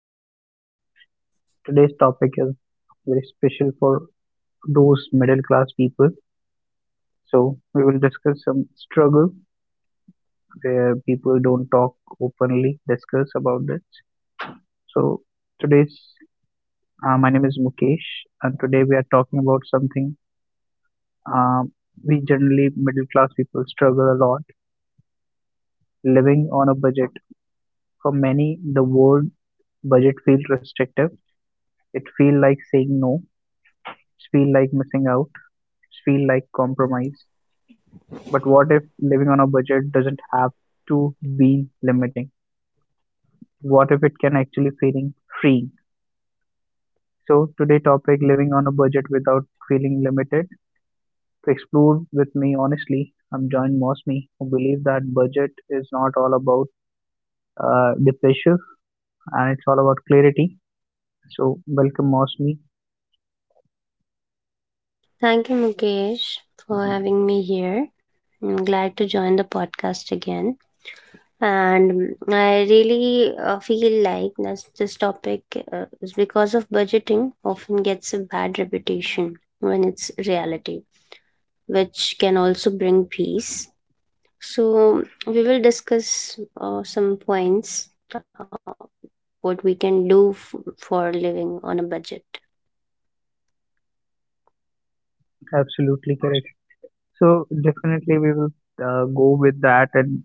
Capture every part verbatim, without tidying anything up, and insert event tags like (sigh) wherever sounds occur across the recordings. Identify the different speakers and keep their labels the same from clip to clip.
Speaker 1: podcast. Today's topic is very special for those middle class people. So we will discuss some struggle where people don't talk openly, discuss about this. So today's uh, my name is Mukesh, and today we are talking about something um, we generally middle class people struggle a lot living on a budget. For many, the word budget feels restrictive, it feels like saying no, it feels like missing out, it feels like compromise. But what if living on a budget doesn't have to be limiting? What if it can actually feeling free? So today topic living on a budget without feeling limited. To explore with me honestly, I'm joined Mosme, who believe that budget is not all about uh, the pressure, and it's all about clarity. So welcome Mosme,
Speaker 2: Thank you, Mukesh, for having me here. I'm glad to join the podcast again. And I really uh, feel like this, this topic uh, is because of budgeting often gets a bad reputation when it's reality, which can also bring peace. So we will discuss uh, some points, uh, what we can do f- for living on a budget.
Speaker 1: absolutely correct. So definitely we will uh, go with that. And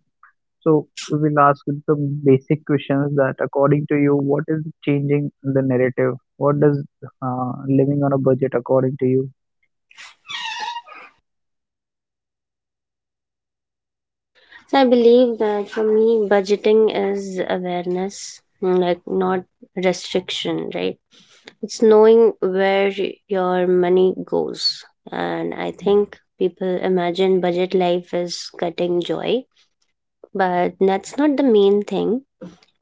Speaker 1: so we will ask some basic questions that, according to you, what is changing in the narrative? What does uh, living on a budget, according to you,
Speaker 2: So I believe that for me, budgeting is awareness, like not restriction, right? It's knowing where your money goes. And I think people imagine budget life is cutting joy, but that's not the main thing.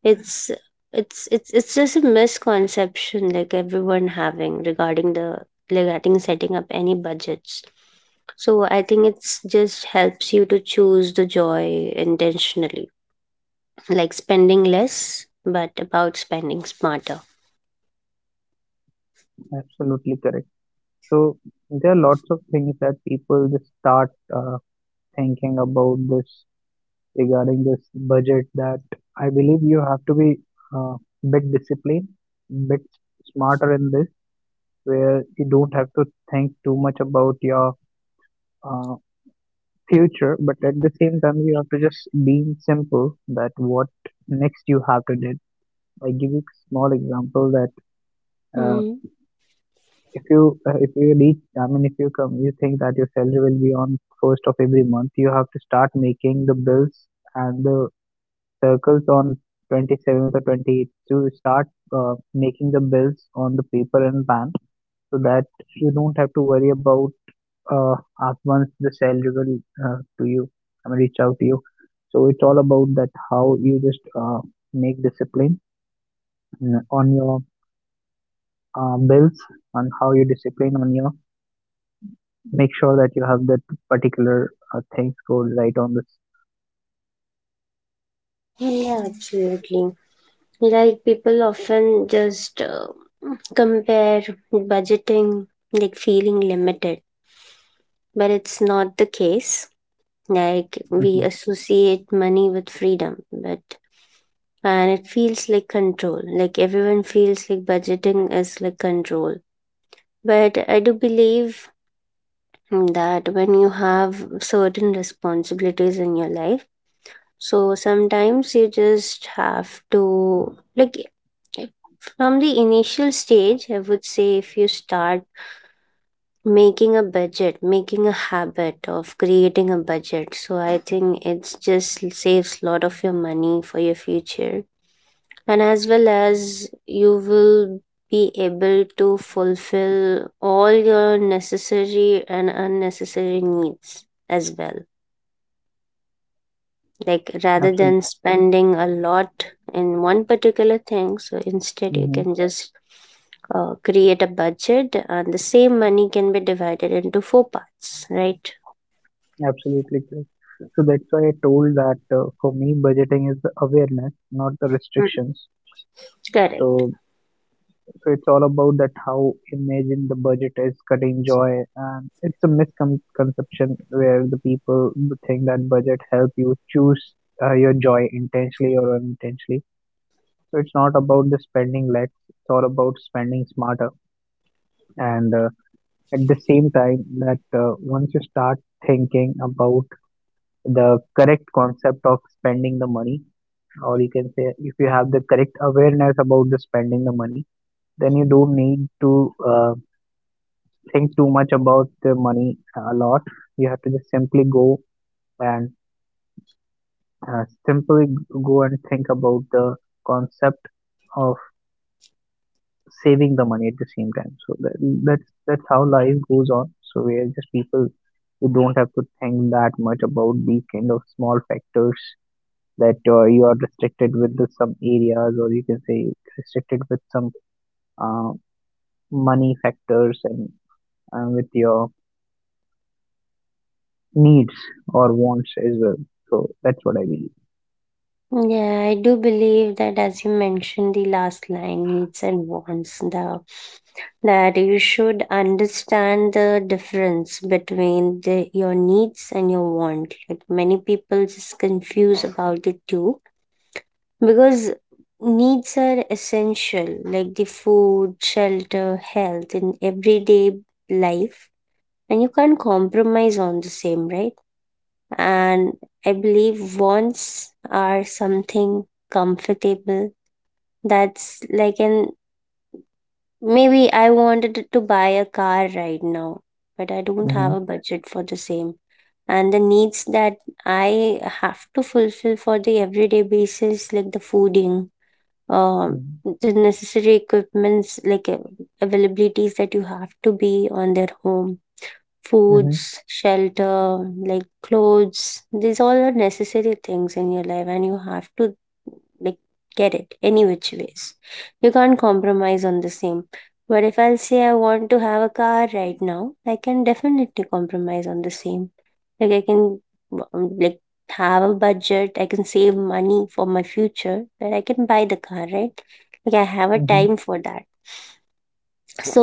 Speaker 2: It's it's it's it's just a misconception like everyone having regarding the regarding setting up any budgets. So I think it's just helps you to choose the joy intentionally like spending less, but about spending smarter.
Speaker 1: absolutely correct? So there are lots of things that people just start uh, thinking about this regarding this budget. That I believe you have to be uh, bit disciplined, bit smarter in this, where you don't have to think too much about your uh, future, but at the same time, you have to just be simple that what next you have to do. I give you a small example that uh,
Speaker 2: Mm,
Speaker 1: if you uh, if you reach, I mean, if you come, you think that your salary will be on first of every month, you have to start making the bills and the circles on twenty-seventh or twenty-eighth to start uh, making the bills on the paper and pan so that you don't have to worry about uh, ask once the sell will uh, to you, I mean, reach out to you. So it's all about that how you just uh, make discipline mm, on your uh, bills, on how you discipline on your, make sure that you have that particular uh, things go right on this.
Speaker 2: yeah, absolutely. Like people often just uh, compare budgeting, like feeling limited, but it's not the case. Like we
Speaker 1: Hmm.
Speaker 2: associate money with freedom, but and it feels like control. Like everyone feels like budgeting is like control. But I do believe that when you have certain responsibilities in your life. So sometimes you just have to, like, eh, from the initial stage, I would say if you start making a budget, making a habit of creating a budget. So I think it's just saves a lot of your money for your future. And as well as you will be able to fulfill all your necessary and unnecessary needs as well. Like rather than
Speaker 1: Absolutely.
Speaker 2: spending a lot in one particular thing, so instead you
Speaker 1: Hmm.
Speaker 2: can just uh, create a budget and the same money can be divided into four parts, right?
Speaker 1: Absolutely correct. So that's why I told that uh, for me budgeting is the awareness, not the
Speaker 2: Mm.
Speaker 1: restrictions.
Speaker 2: Correct.
Speaker 1: So so it's all about that how imagine the budget is cutting joy, and it's a misconception where the people think that budget help you choose uh, your joy intentionally or unintentionally. So it's not about the spending less; it's all about spending smarter. And uh, at the same time, that uh, once you start thinking about the correct concept of spending the money, or you can say if you have the correct awareness about the spending the money, then you don't need to. Uh, think too much about the money a lot. You have to just simply go and uh, simply go and think about the concept of saving the money at the same time. So that, that's that's how life goes on. So we are just people who don't have to think that much about these kind of small factors, that uh, you are restricted with the some areas, or you can say restricted with some uh, money factors and uh, with your needs or wants as well. So that's what I believe.
Speaker 2: Yeah, I do believe that as you mentioned the last line, needs and wants, the that you should understand the difference between the, your needs and your want. Like many people just confuse about the two, because needs are essential, like the food, shelter, health in everyday life, and you can't compromise on the same, right? And I believe wants are something comfortable. That's like an, maybe I wanted to buy a car right now, but I don't have
Speaker 1: Mm-hmm.
Speaker 2: a budget for the same. And the needs that I have to fulfill for the everyday basis, like the fooding, um,
Speaker 1: Mm-hmm.
Speaker 2: the necessary equipments, like uh, availabilities that you have to be on their home,
Speaker 1: Mm-hmm.
Speaker 2: foods, shelter, like clothes, these all are necessary things in your life, and you have to, like, get it any which ways. You can't compromise on the same. But if I'll say I want to have a car right now, I can definitely compromise on the same. Like, I can, um, like, have a budget, I can save money for my future, but I can buy the car, right? Like, I have a
Speaker 1: Mm-hmm.
Speaker 2: time for that. So,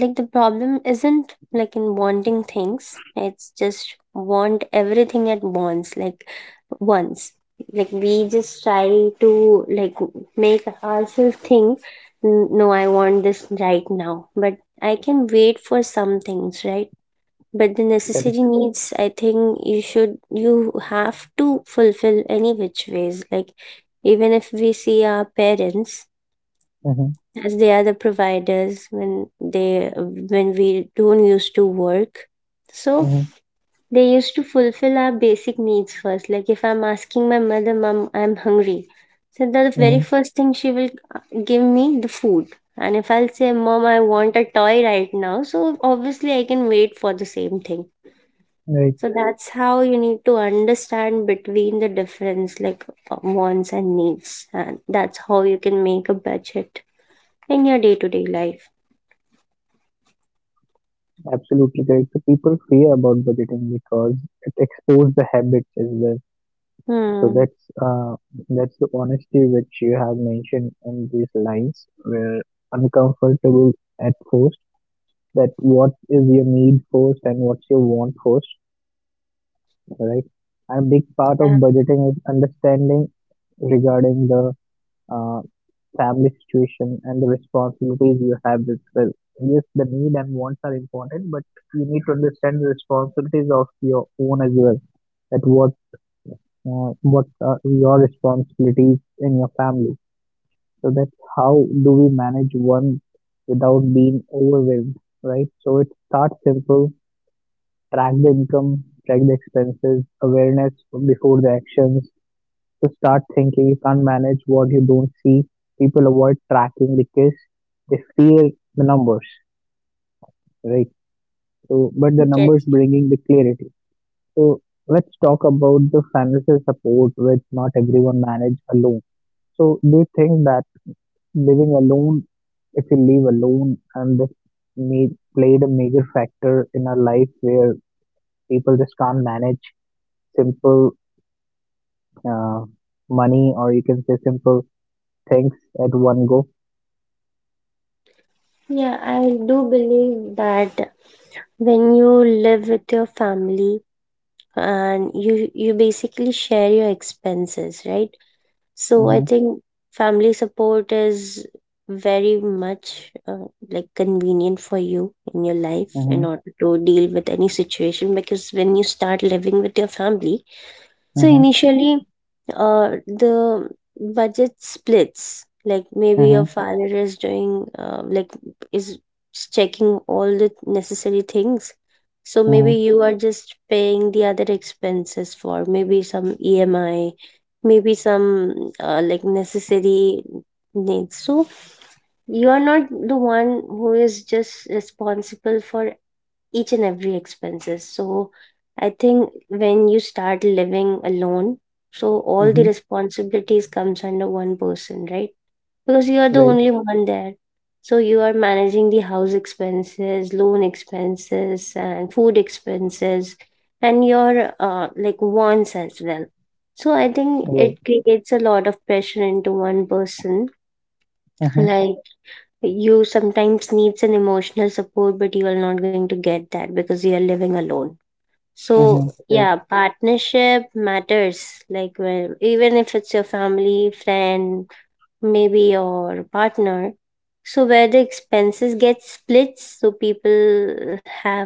Speaker 2: like, the problem isn't like in wanting things, it's just want everything at once, like, once. Like, we just try to, like, make ourselves think, "N- No, I want this right now, but I can wait for some things, right?" But the
Speaker 1: Correct.
Speaker 2: necessary needs, I think you should, you have to fulfill any which ways, like, even if we see our parents,
Speaker 1: Mm-hmm.
Speaker 2: as they are the providers when they when we don't used to work. So
Speaker 1: Mm-hmm.
Speaker 2: they used to fulfill our basic needs first, like if I'm asking my mother, "Mom, I'm hungry," so the
Speaker 1: Mm-hmm.
Speaker 2: very first thing she will uh, give me the food. And if I'll say, "Mom, I want a toy right now," so obviously I can wait for the same thing.
Speaker 1: Right.
Speaker 2: So that's how you need to understand between the difference, like, uh, wants and needs, and that's how you can make a budget in your day-to-day life.
Speaker 1: Absolutely correct. So people fear about budgeting because it exposes the habits as well. So
Speaker 2: Hmm.
Speaker 1: that's uh that's the honesty which you have mentioned in these lines, where uncomfortable at first, that what is your need first and what's your want first, right? And a big part of
Speaker 2: Yeah.
Speaker 1: budgeting is understanding regarding the uh, family situation and the responsibilities you have as well. Yes, the need and wants are important, but you need to understand the responsibilities of your own as well. That what uh, what are your responsibilities in your family. So that's how do we manage one without being overwhelmed, right? So it starts simple, track the income, track the expenses, awareness before the actions, to start thinking you can't manage what you don't see. People avoid tracking because they fear the numbers, right? So but the numbers
Speaker 2: Yes.
Speaker 1: bringing the clarity. So let's talk about the financial support which not everyone manage alone. So do you think that living alone, if you live alone, and this made, played a major factor in our life, where people just can't manage simple uh, money, or you can say simple things at one go?
Speaker 2: Yeah, I do believe that when you live with your family and you you basically share your expenses, right? So I
Speaker 1: Mm-hmm.
Speaker 2: think family support is very much uh, like convenient for you in your life in
Speaker 1: Mhm.
Speaker 2: order to deal with any situation, because when you start living with your family. So
Speaker 1: Mhm.
Speaker 2: initially, uh, the budget splits. Like maybe your
Speaker 1: Mhm.
Speaker 2: father is doing, uh, like, is checking all the necessary things. So maybe
Speaker 1: Mhm.
Speaker 2: you are just paying the other expenses for maybe some E M I, maybe some uh, like necessary needs. So you are not the one who is just responsible for each and every expenses. So I think when you start living alone, so all
Speaker 1: Mhm.
Speaker 2: the responsibilities comes under one person, right? Because you are the
Speaker 1: Right.
Speaker 2: only one there, so you are managing the house expenses, loan expenses, and food expenses, and your uh, like wants as well. So I think
Speaker 1: Right.
Speaker 2: it creates a lot of pressure into one person.
Speaker 1: Mhm.
Speaker 2: Like you sometimes needs an emotional support, but you are not going to get that because you are living alone. So
Speaker 1: Mhm. Correct.
Speaker 2: yeah, partnership matters. Like, well, even if it's your family, friend, maybe your partner. So where the expenses get split, so people have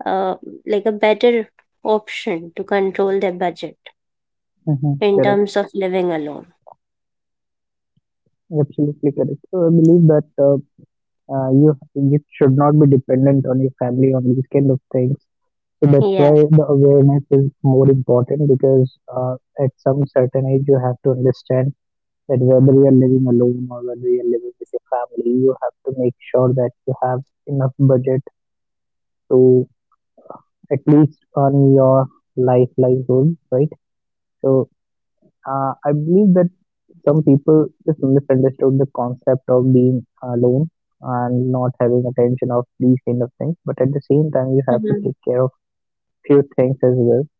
Speaker 2: uh, like a better option to control their budget
Speaker 1: Mhm.
Speaker 2: in
Speaker 1: Correct.
Speaker 2: terms of living alone.
Speaker 1: Absolutely correct. So I believe that uh, uh, you you should not be dependent on your family on these kind of things. So that's why
Speaker 2: Yeah.
Speaker 1: the awareness is more important, because uh, at some certain age you have to understand that whether you are living alone or whether you are living with your family, you have to make sure that you have enough budget to at least earn your life livelihood, right? So Uh, I believe that some people just misunderstood the concept of being alone and not having attention of these kind of things. But at the same time, you have to
Speaker 2: Mhm.
Speaker 1: take care of few things as well,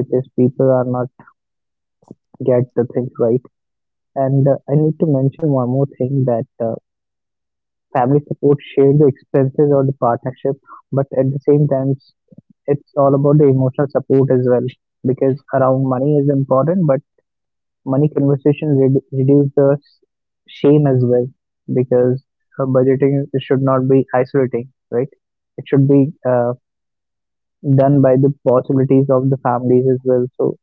Speaker 1: which is people are not get the things right. And uh, I need to mention one more thing that uh, family support share the expenses of the partnership, but at the same time, it's, it's all about the emotional support as well, because around money is important, but money conversation redu- reduce the s- shame as well, because uh, budgeting should not be isolating, right? It should be uh, done by the possibilities of the families as well. So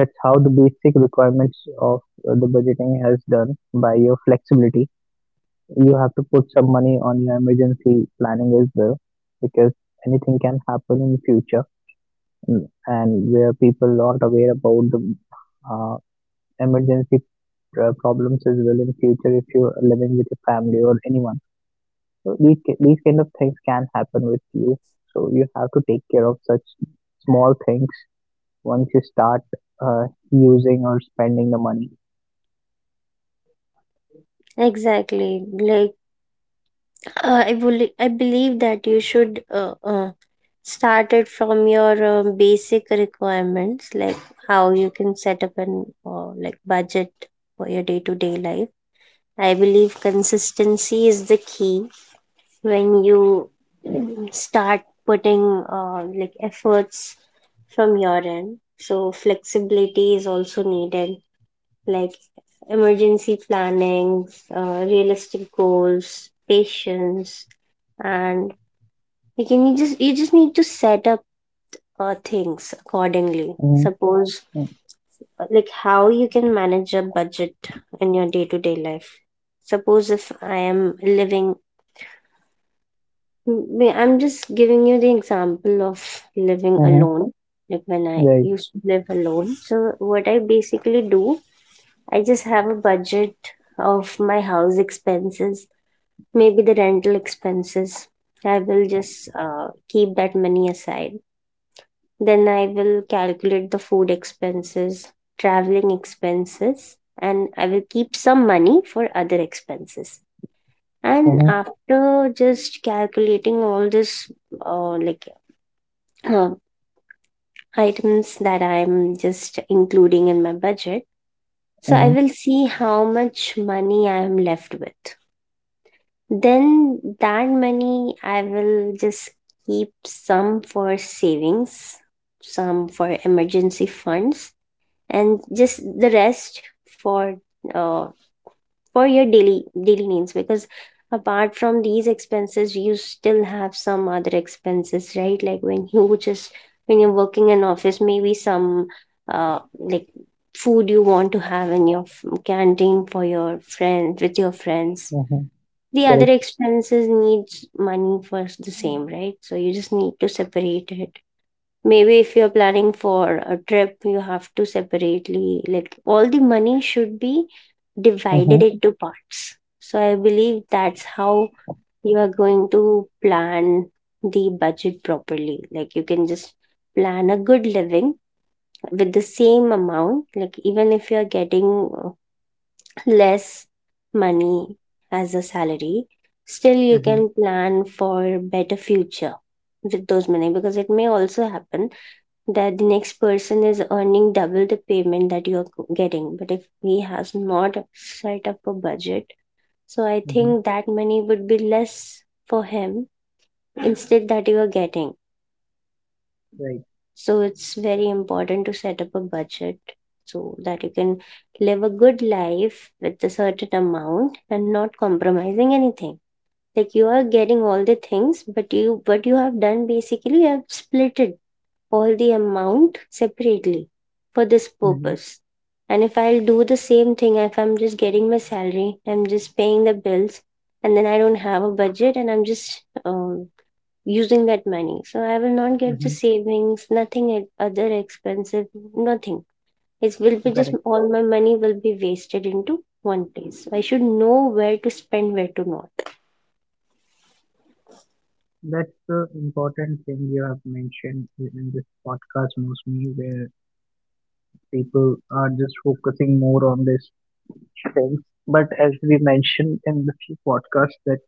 Speaker 1: that's how the basic requirements of uh, the budgeting has done by your flexibility. You have to put some money on your emergency planning as well, because anything can happen in future. Mm. And where people are not aware about the uh, emergency uh, problems as well in future, if you're living with your family or anyone. So these ki- these kind of things can happen with you. So you have to take care of such small things once you start uh, using or spending the money.
Speaker 2: Exactly. Like, uh, I believe, I believe that you should, uh, uh, start it from your uh, basic requirements, like how you can set up an uh, like budget for your day to day life. I believe consistency is the key when you mm, start putting uh, like efforts from your end. So flexibility is also needed, like emergency plannings, uh, realistic goals, patience, and you can, you just you just need to set up uh, things accordingly.
Speaker 1: Mm-hmm.
Speaker 2: Suppose
Speaker 1: Mm-hmm.
Speaker 2: uh, like how you can manage a budget in your day-to-day life. Suppose if I am living, m- I'm just giving you the example of living
Speaker 1: Mm-hmm.
Speaker 2: alone. Like when I
Speaker 1: Right.
Speaker 2: used to live alone, so what I basically do, I just have a budget of my house expenses, maybe the rental expenses. I will just uh, keep that money aside. Then I will calculate the food expenses, traveling expenses, and I will keep some money for other expenses. And
Speaker 1: Mm-hmm.
Speaker 2: after just calculating all this, uh, like uh, items that I'm just including in my budget, so I will
Speaker 1: Mm-hmm.
Speaker 2: see how much money I am left with. Then that money I will just keep some for savings, some for emergency funds, and just the rest for uh, for your daily daily needs, because apart from these expenses you still have some other expenses, right? Like when you (laughs) just when you're working in office, maybe some uh, like food you want to have in your f- canteen for your friend, with your friends.
Speaker 1: Mm-hmm.
Speaker 2: The other
Speaker 1: Correct.
Speaker 2: expenses needs money for the same, right? So you just need to separate it. Maybe if you're planning for a trip, you have to separately, like, all the money should be
Speaker 1: Mm-hmm.
Speaker 2: divided into parts. So I believe that's how you are going to plan the budget properly. Like, you can just plan a good living with the same amount. Like, even if you're getting uh, less money as a salary, still you can
Speaker 1: Mm-hmm.
Speaker 2: plan for better future with those money, because it may also happen that the next person is earning double the payment that you're getting, but if he has not set up a budget, so I
Speaker 1: Mm-hmm.
Speaker 2: think that money would be less for him instead that you are getting.
Speaker 1: Right.
Speaker 2: So it's very important to set up a budget so that you can live a good life with a certain amount and not compromising anything. Like you are getting all the things, but you, what you have done basically, you have split it, all the amount separately, for this
Speaker 1: Mm-hmm.
Speaker 2: purpose. And if I'll do the same thing, if I'm just getting my salary, I'm just paying the bills, and then I don't have a budget and I'm just um, using that money. So I will not get the
Speaker 1: Mm-hmm.
Speaker 2: savings, nothing at other expenses, nothing. It will be just
Speaker 1: Correct.
Speaker 2: all my money will be wasted into one place. I should know where to spend, where to not.
Speaker 1: That's the important thing you have mentioned in this podcast mostly, where people are just focusing more on this things. But as we mentioned in the few podcasts, that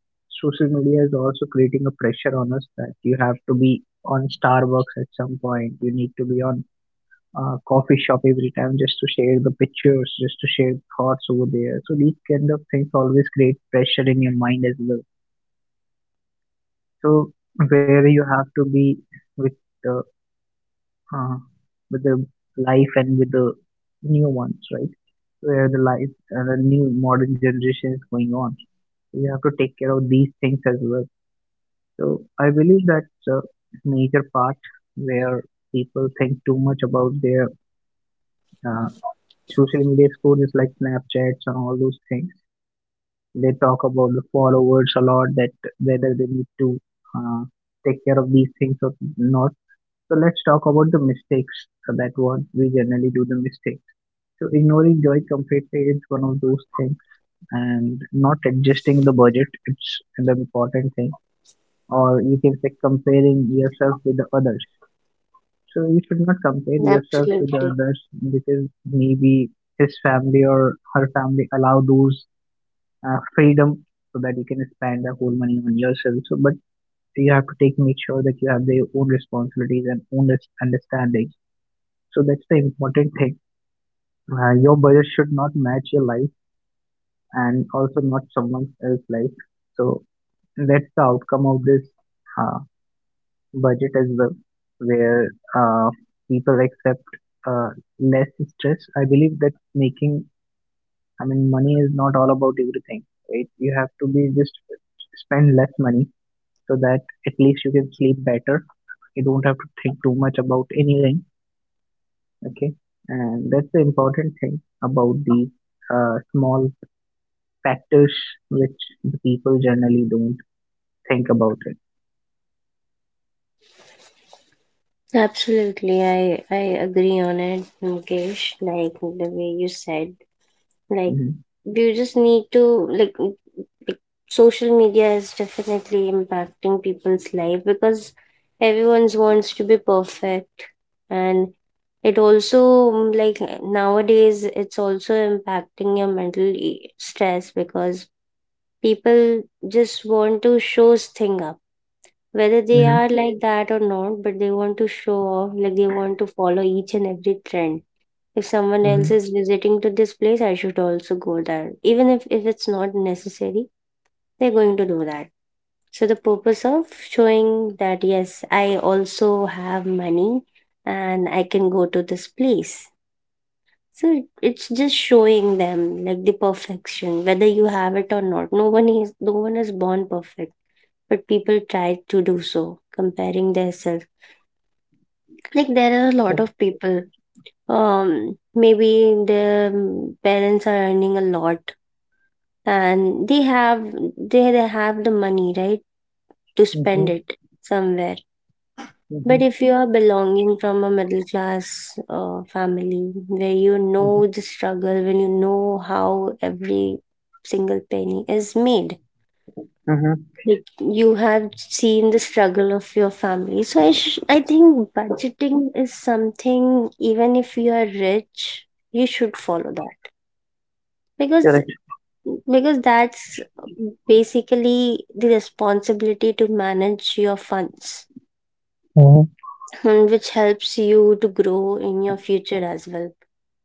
Speaker 1: social media is also creating a pressure on us, that you have to be on Starbucks at some point. You need to be on a coffee shop every time just to share the pictures, just to share thoughts over there. So these kind of things always create pressure in your mind as well. So where you have to be with the uh, with the life and with the new ones, right? Where the life and the new modern generation is going on, you have to take care of these things as well. So I believe that's a major part where people think too much about their uh, social media scores like Snapchats and all those things. They talk about the followers a lot, that whether they need to uh, take care of these things or not. So let's talk about the mistakes uh, that what we generally do the mistakes. So ignoring joy completely is one of those things, and not adjusting the budget. It's an important thing, or you can say comparing yourself with the others. So you should not compare yourself with the
Speaker 2: Absolutely.
Speaker 1: others, because maybe his family or her family allow those uh, freedom so that you can spend the whole money on yourself. So but you have to take make sure that you have their own responsibilities and own res- understanding. So that's the important thing. Uh, your budget should not match your life and also not someone else's life. So that's the outcome of this uh, budget as well, where uh, people accept uh, less stress. I believe that making, I mean, money is not all about everything, right? You have to be just spend less money, so that at least you can sleep better. You don't have to think too much about anything, okay? And that's the important thing about these uh, small factors which the people generally don't think about it.
Speaker 2: Absolutely, I I agree on it, Mukesh. Like the way you said, Like
Speaker 1: Hmm.
Speaker 2: you just need to like, like social media is definitely impacting people's life because everyone's wants to be perfect and it also mm, like nowadays it's also impacting your mental e- stress because people just want to show thing up whether they
Speaker 1: Hmm.
Speaker 2: are like that or not, but they want to show off, like they want to follow each and every trend. If someone else
Speaker 1: Hmm.
Speaker 2: is visiting to this place, I should also go there, even if, if it's not necessary, they're going to do that. So the purpose of showing that yes, I also have money and I can go to this place, so it's just showing them like the perfection whether you have it or not. No one is no one is born perfect, but people try to do so comparing themselves. Like there are a lot
Speaker 1: Mm-hmm.
Speaker 2: of people, um, maybe their parents are earning a lot and they have they, they have the money, right, to
Speaker 1: Mm-hmm.
Speaker 2: spend it somewhere. But if you are belonging from a middle class uh, family, where you know the struggle, when you know how every single penny is made,
Speaker 1: Mm-hmm.
Speaker 2: like you have seen the struggle of your family. So i sh- I think budgeting is something even if you are rich, you should follow that. Because
Speaker 1: Mm-hmm.
Speaker 2: because that's basically the responsibility to manage your funds,
Speaker 1: Mhm,
Speaker 2: and which helps you to grow in your future as well.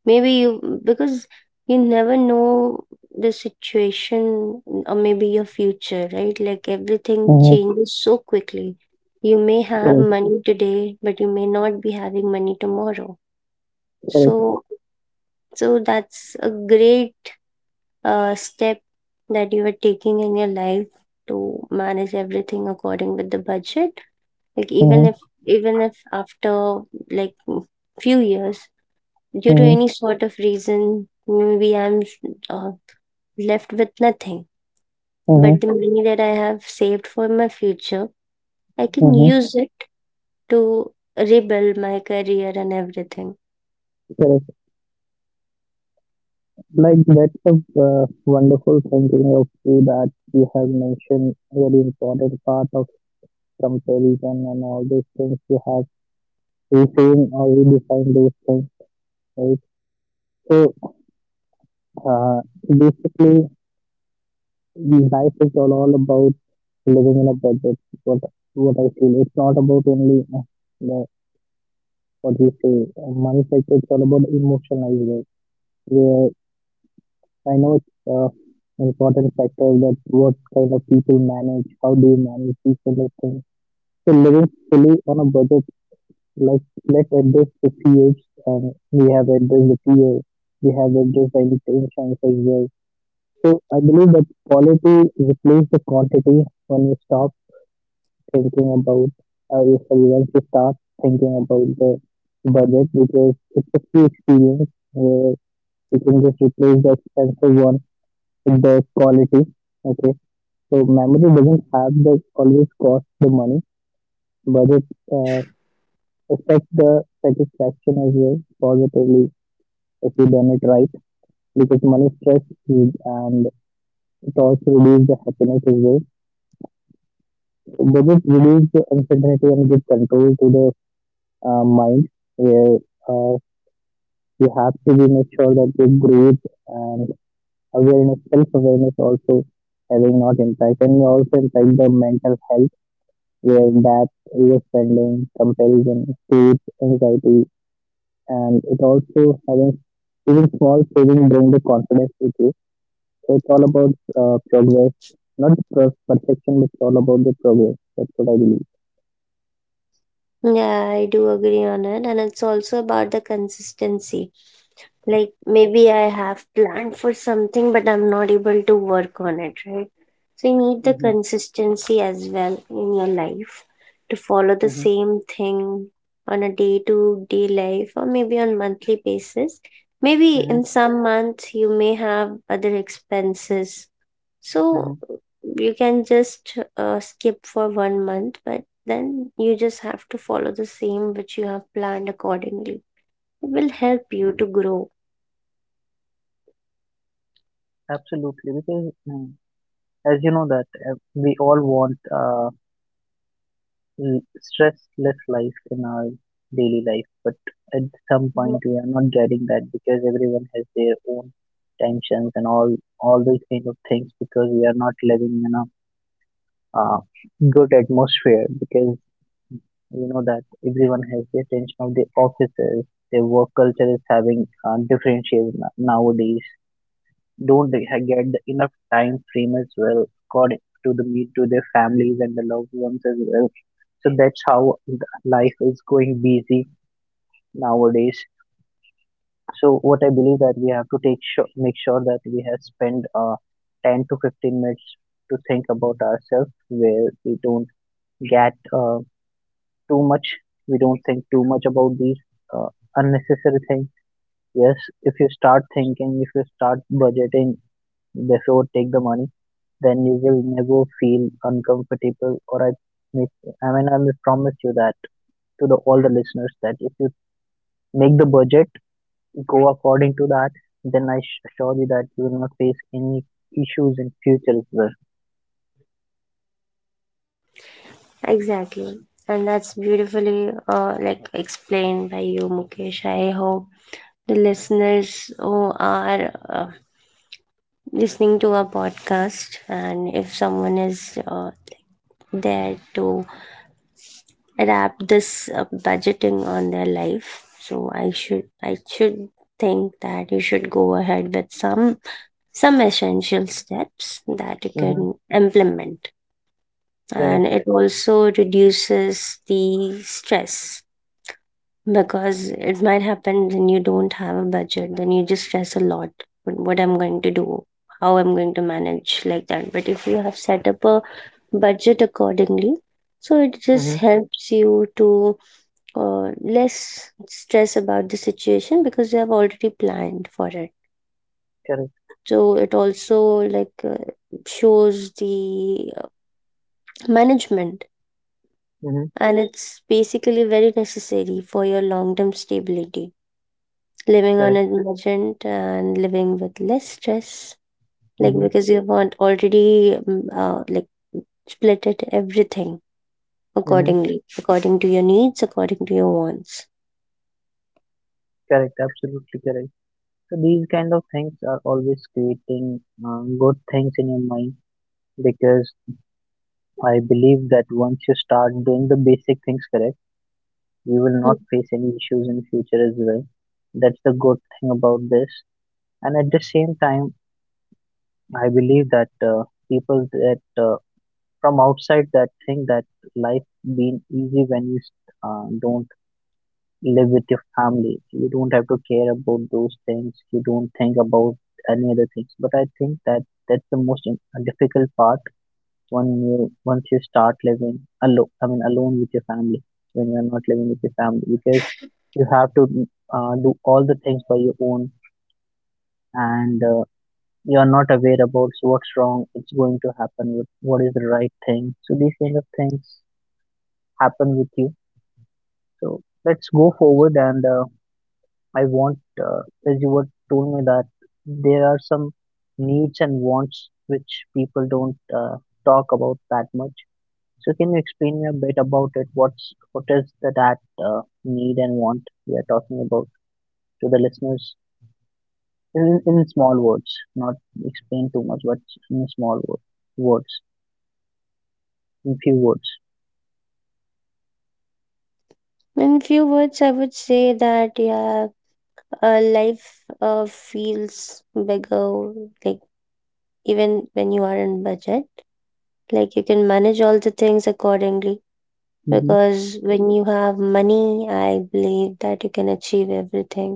Speaker 2: Maybe you, because you never know the situation, mm, or maybe your future, right, like everything
Speaker 1: mhm,
Speaker 2: changes so quickly. You may have
Speaker 1: correct,
Speaker 2: money today, but you may not be having money tomorrow.
Speaker 1: correct.
Speaker 2: So so that's a great uh, step that you are taking in your life, to manage everything according with the budget. Like even
Speaker 1: Mhm,
Speaker 2: if even if after, like, few years, due to
Speaker 1: mhm,
Speaker 2: any sort of reason, maybe I'm uh, left with nothing,
Speaker 1: mhm,
Speaker 2: but the money that I have saved for my future, I can
Speaker 1: mhm,
Speaker 2: use it to rebuild my career and everything.
Speaker 1: correct. Like that's a uh, wonderful thinking of you that you have mentioned very important part of comparison, and all these things you have reframed or redefined those things, right? So uh, basically, life is all, all about living in a budget. What what I feel, it's not about only uh, the, what you say uh, money. Like it's all about emotion as well. Where I know it's uh, important factor that what kind of people manage, how do you manage these kind of things. So living fully on a budget, like let's address the fears. Um, we have addressed the fear, we have addressed the intentions as well. So I believe that quality replaces the quantity when you stop thinking about, uh, if once you start thinking about the budget because it's a free experience where you can just replace the expensive one with the quality. Okay. So memory doesn't have the always cost the money, but it uh, affects the satisfaction as well positively if you done it right because money stress is- and it also reduces the happiness as well. But it reduces the uncertainty and give control to the uh, mind where uh, you have to be make sure that your growth and awareness, self awareness also having not impact and you also impact the mental health where that overspending, comparison creates anxiety, and it also having even small saving bring the confidence with you. So it's all about uh, progress, not the per- perfection, but it's all about the progress. That's what I believe.
Speaker 2: Yeah, I do agree on it, and it's also about the consistency. Like maybe I have planned for something, but I'm not able to work on it, right? So you need the
Speaker 1: Mm-hmm,
Speaker 2: consistency as well in your life to follow the
Speaker 1: mm-hmm,
Speaker 2: same thing on a day to day life or maybe on monthly basis. Maybe
Speaker 1: mm-hmm,
Speaker 2: in some months you may have other expenses.
Speaker 1: mm-hmm.
Speaker 2: So you can just uh, skip for one month, but then you just have to follow the same which you have planned accordingly. It will help you to grow.
Speaker 1: Absolutely, because mm, as you know that uh, we all want. Uh, l- Stressless life in our daily life but at some point we are not getting that because everyone has their own tensions and all all these kind of things because we are not living in a uh, good atmosphere because you know that everyone has the attention of the officers, their work culture is having uh, differentiated no- nowadays, don't they ha- get the enough time frame as well according to the meet to their families and the loved ones as well, so that's how th- life is going busy nowadays. So what I believe that we have to take sure, make sure that we have spent uh, ten to fifteen minutes to think about ourselves where we don't get uh, too much we don't think too much about these uh, unnecessary things. Yes, if you start thinking, if you start budgeting before take the money, then you will never feel uncomfortable. Or i make I mean I will promise you that, to the all the listeners, that if you make the budget, go according to that, then I sh- assure you that you will not face any issues in future as well.
Speaker 2: Exactly. And that's beautifully uh, like explained by you, Mukesh. I hope the listeners who are uh, listening to our podcast, and if someone is uh, there to adapt this uh, budgeting on their life, so I should I should think that you should go ahead with some some essential steps that you
Speaker 1: Mm-hmm.
Speaker 2: can implement,
Speaker 1: Correct.
Speaker 2: and it also reduces the stress. Because it might happen when you don't have a budget, then you just stress a lot. What, what I'm going to do, how I'm going to manage, like that. But if you have set up a budget accordingly, so it just
Speaker 1: Mm-hmm.
Speaker 2: helps you to, uh, less stress about the situation because you have already planned for it.
Speaker 1: Correct.
Speaker 2: So it also, like, uh, shows the, uh, management,
Speaker 1: Mm-hmm.
Speaker 2: and it's basically very necessary for your long term stability, living on
Speaker 1: Correct.
Speaker 2: a budget and living with less stress. Like
Speaker 1: Mm-hmm.
Speaker 2: because you want already, mm, uh, like, split it everything
Speaker 1: Mm-hmm.
Speaker 2: accordingly, according to your needs, according to your wants.
Speaker 1: Correct. Absolutely correct. So these kind of things are always creating um, good things in your mind because I believe that once you start doing the basic things correct, you will
Speaker 2: Hmm.
Speaker 1: not face any issues in future as well. That's the good thing about this. And at the same time, I believe that uh, people that uh, from outside that think that life being easy when you uh, don't live with your family, you don't have to care about those things, you don't think about any other things, but I think that that's the most im- uh, difficult part when you once you start living alone. I mean alone with your family, when you're not living with your family, because you have to uh, do all the things by your own. And uh, you're not aware about what's wrong it's going to happen, what, what is the right thing, so these kind of things happen with you. So let's go forward. And uh, I want, uh, as you were told me that there are some needs and wants which people don't uh, talk about that much. So can you explain me a bit about it? What's what is the, that uh, need and want we are talking about to the listeners in, in small words, not explain too much, but in small wo- words, in few words.
Speaker 2: In few words, I would say that, yeah, uh, life, uh, feels bigger. Like even when you are in budget, like you can manage all the things accordingly,
Speaker 1: Mm-hmm.
Speaker 2: because when you have money, I believe that you can achieve everything.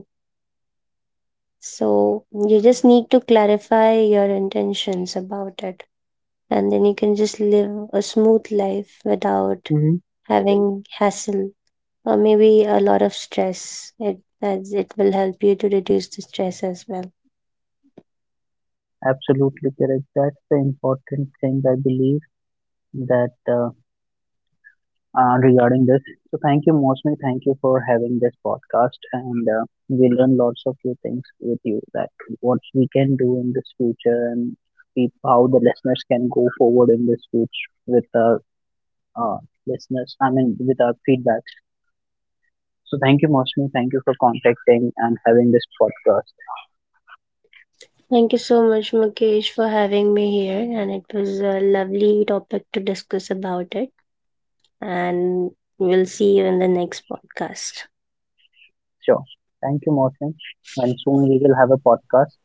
Speaker 2: So you just need to clarify your intentions about it, and then you can just live a smooth life without
Speaker 1: Mm-hmm.
Speaker 2: having hassle or maybe a lot of stress. It as it will help you to reduce the stress as well.
Speaker 1: Absolutely correct. That's the important thing I believe that Uh, uh, regarding this. So thank you, mostly thank you for having this podcast, and uh, we learn lots of few things with you that what we can do in this future and peop- how the listeners can go forward in this future with the uh, listeners. I mean, with our feedback. So thank you, mostly thank you for contacting and having this podcast.
Speaker 2: Thank you so much, Mukesh, for having me here, and it was a lovely topic to discuss about it. And we'll see you in the next podcast.
Speaker 1: Sure, thank you, mostly, and soon we will have a podcast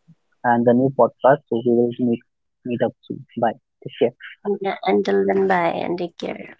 Speaker 1: and the new podcast, so we will meet meet up soon. Bye. Take care.
Speaker 2: Yeah, until then, bye and take care.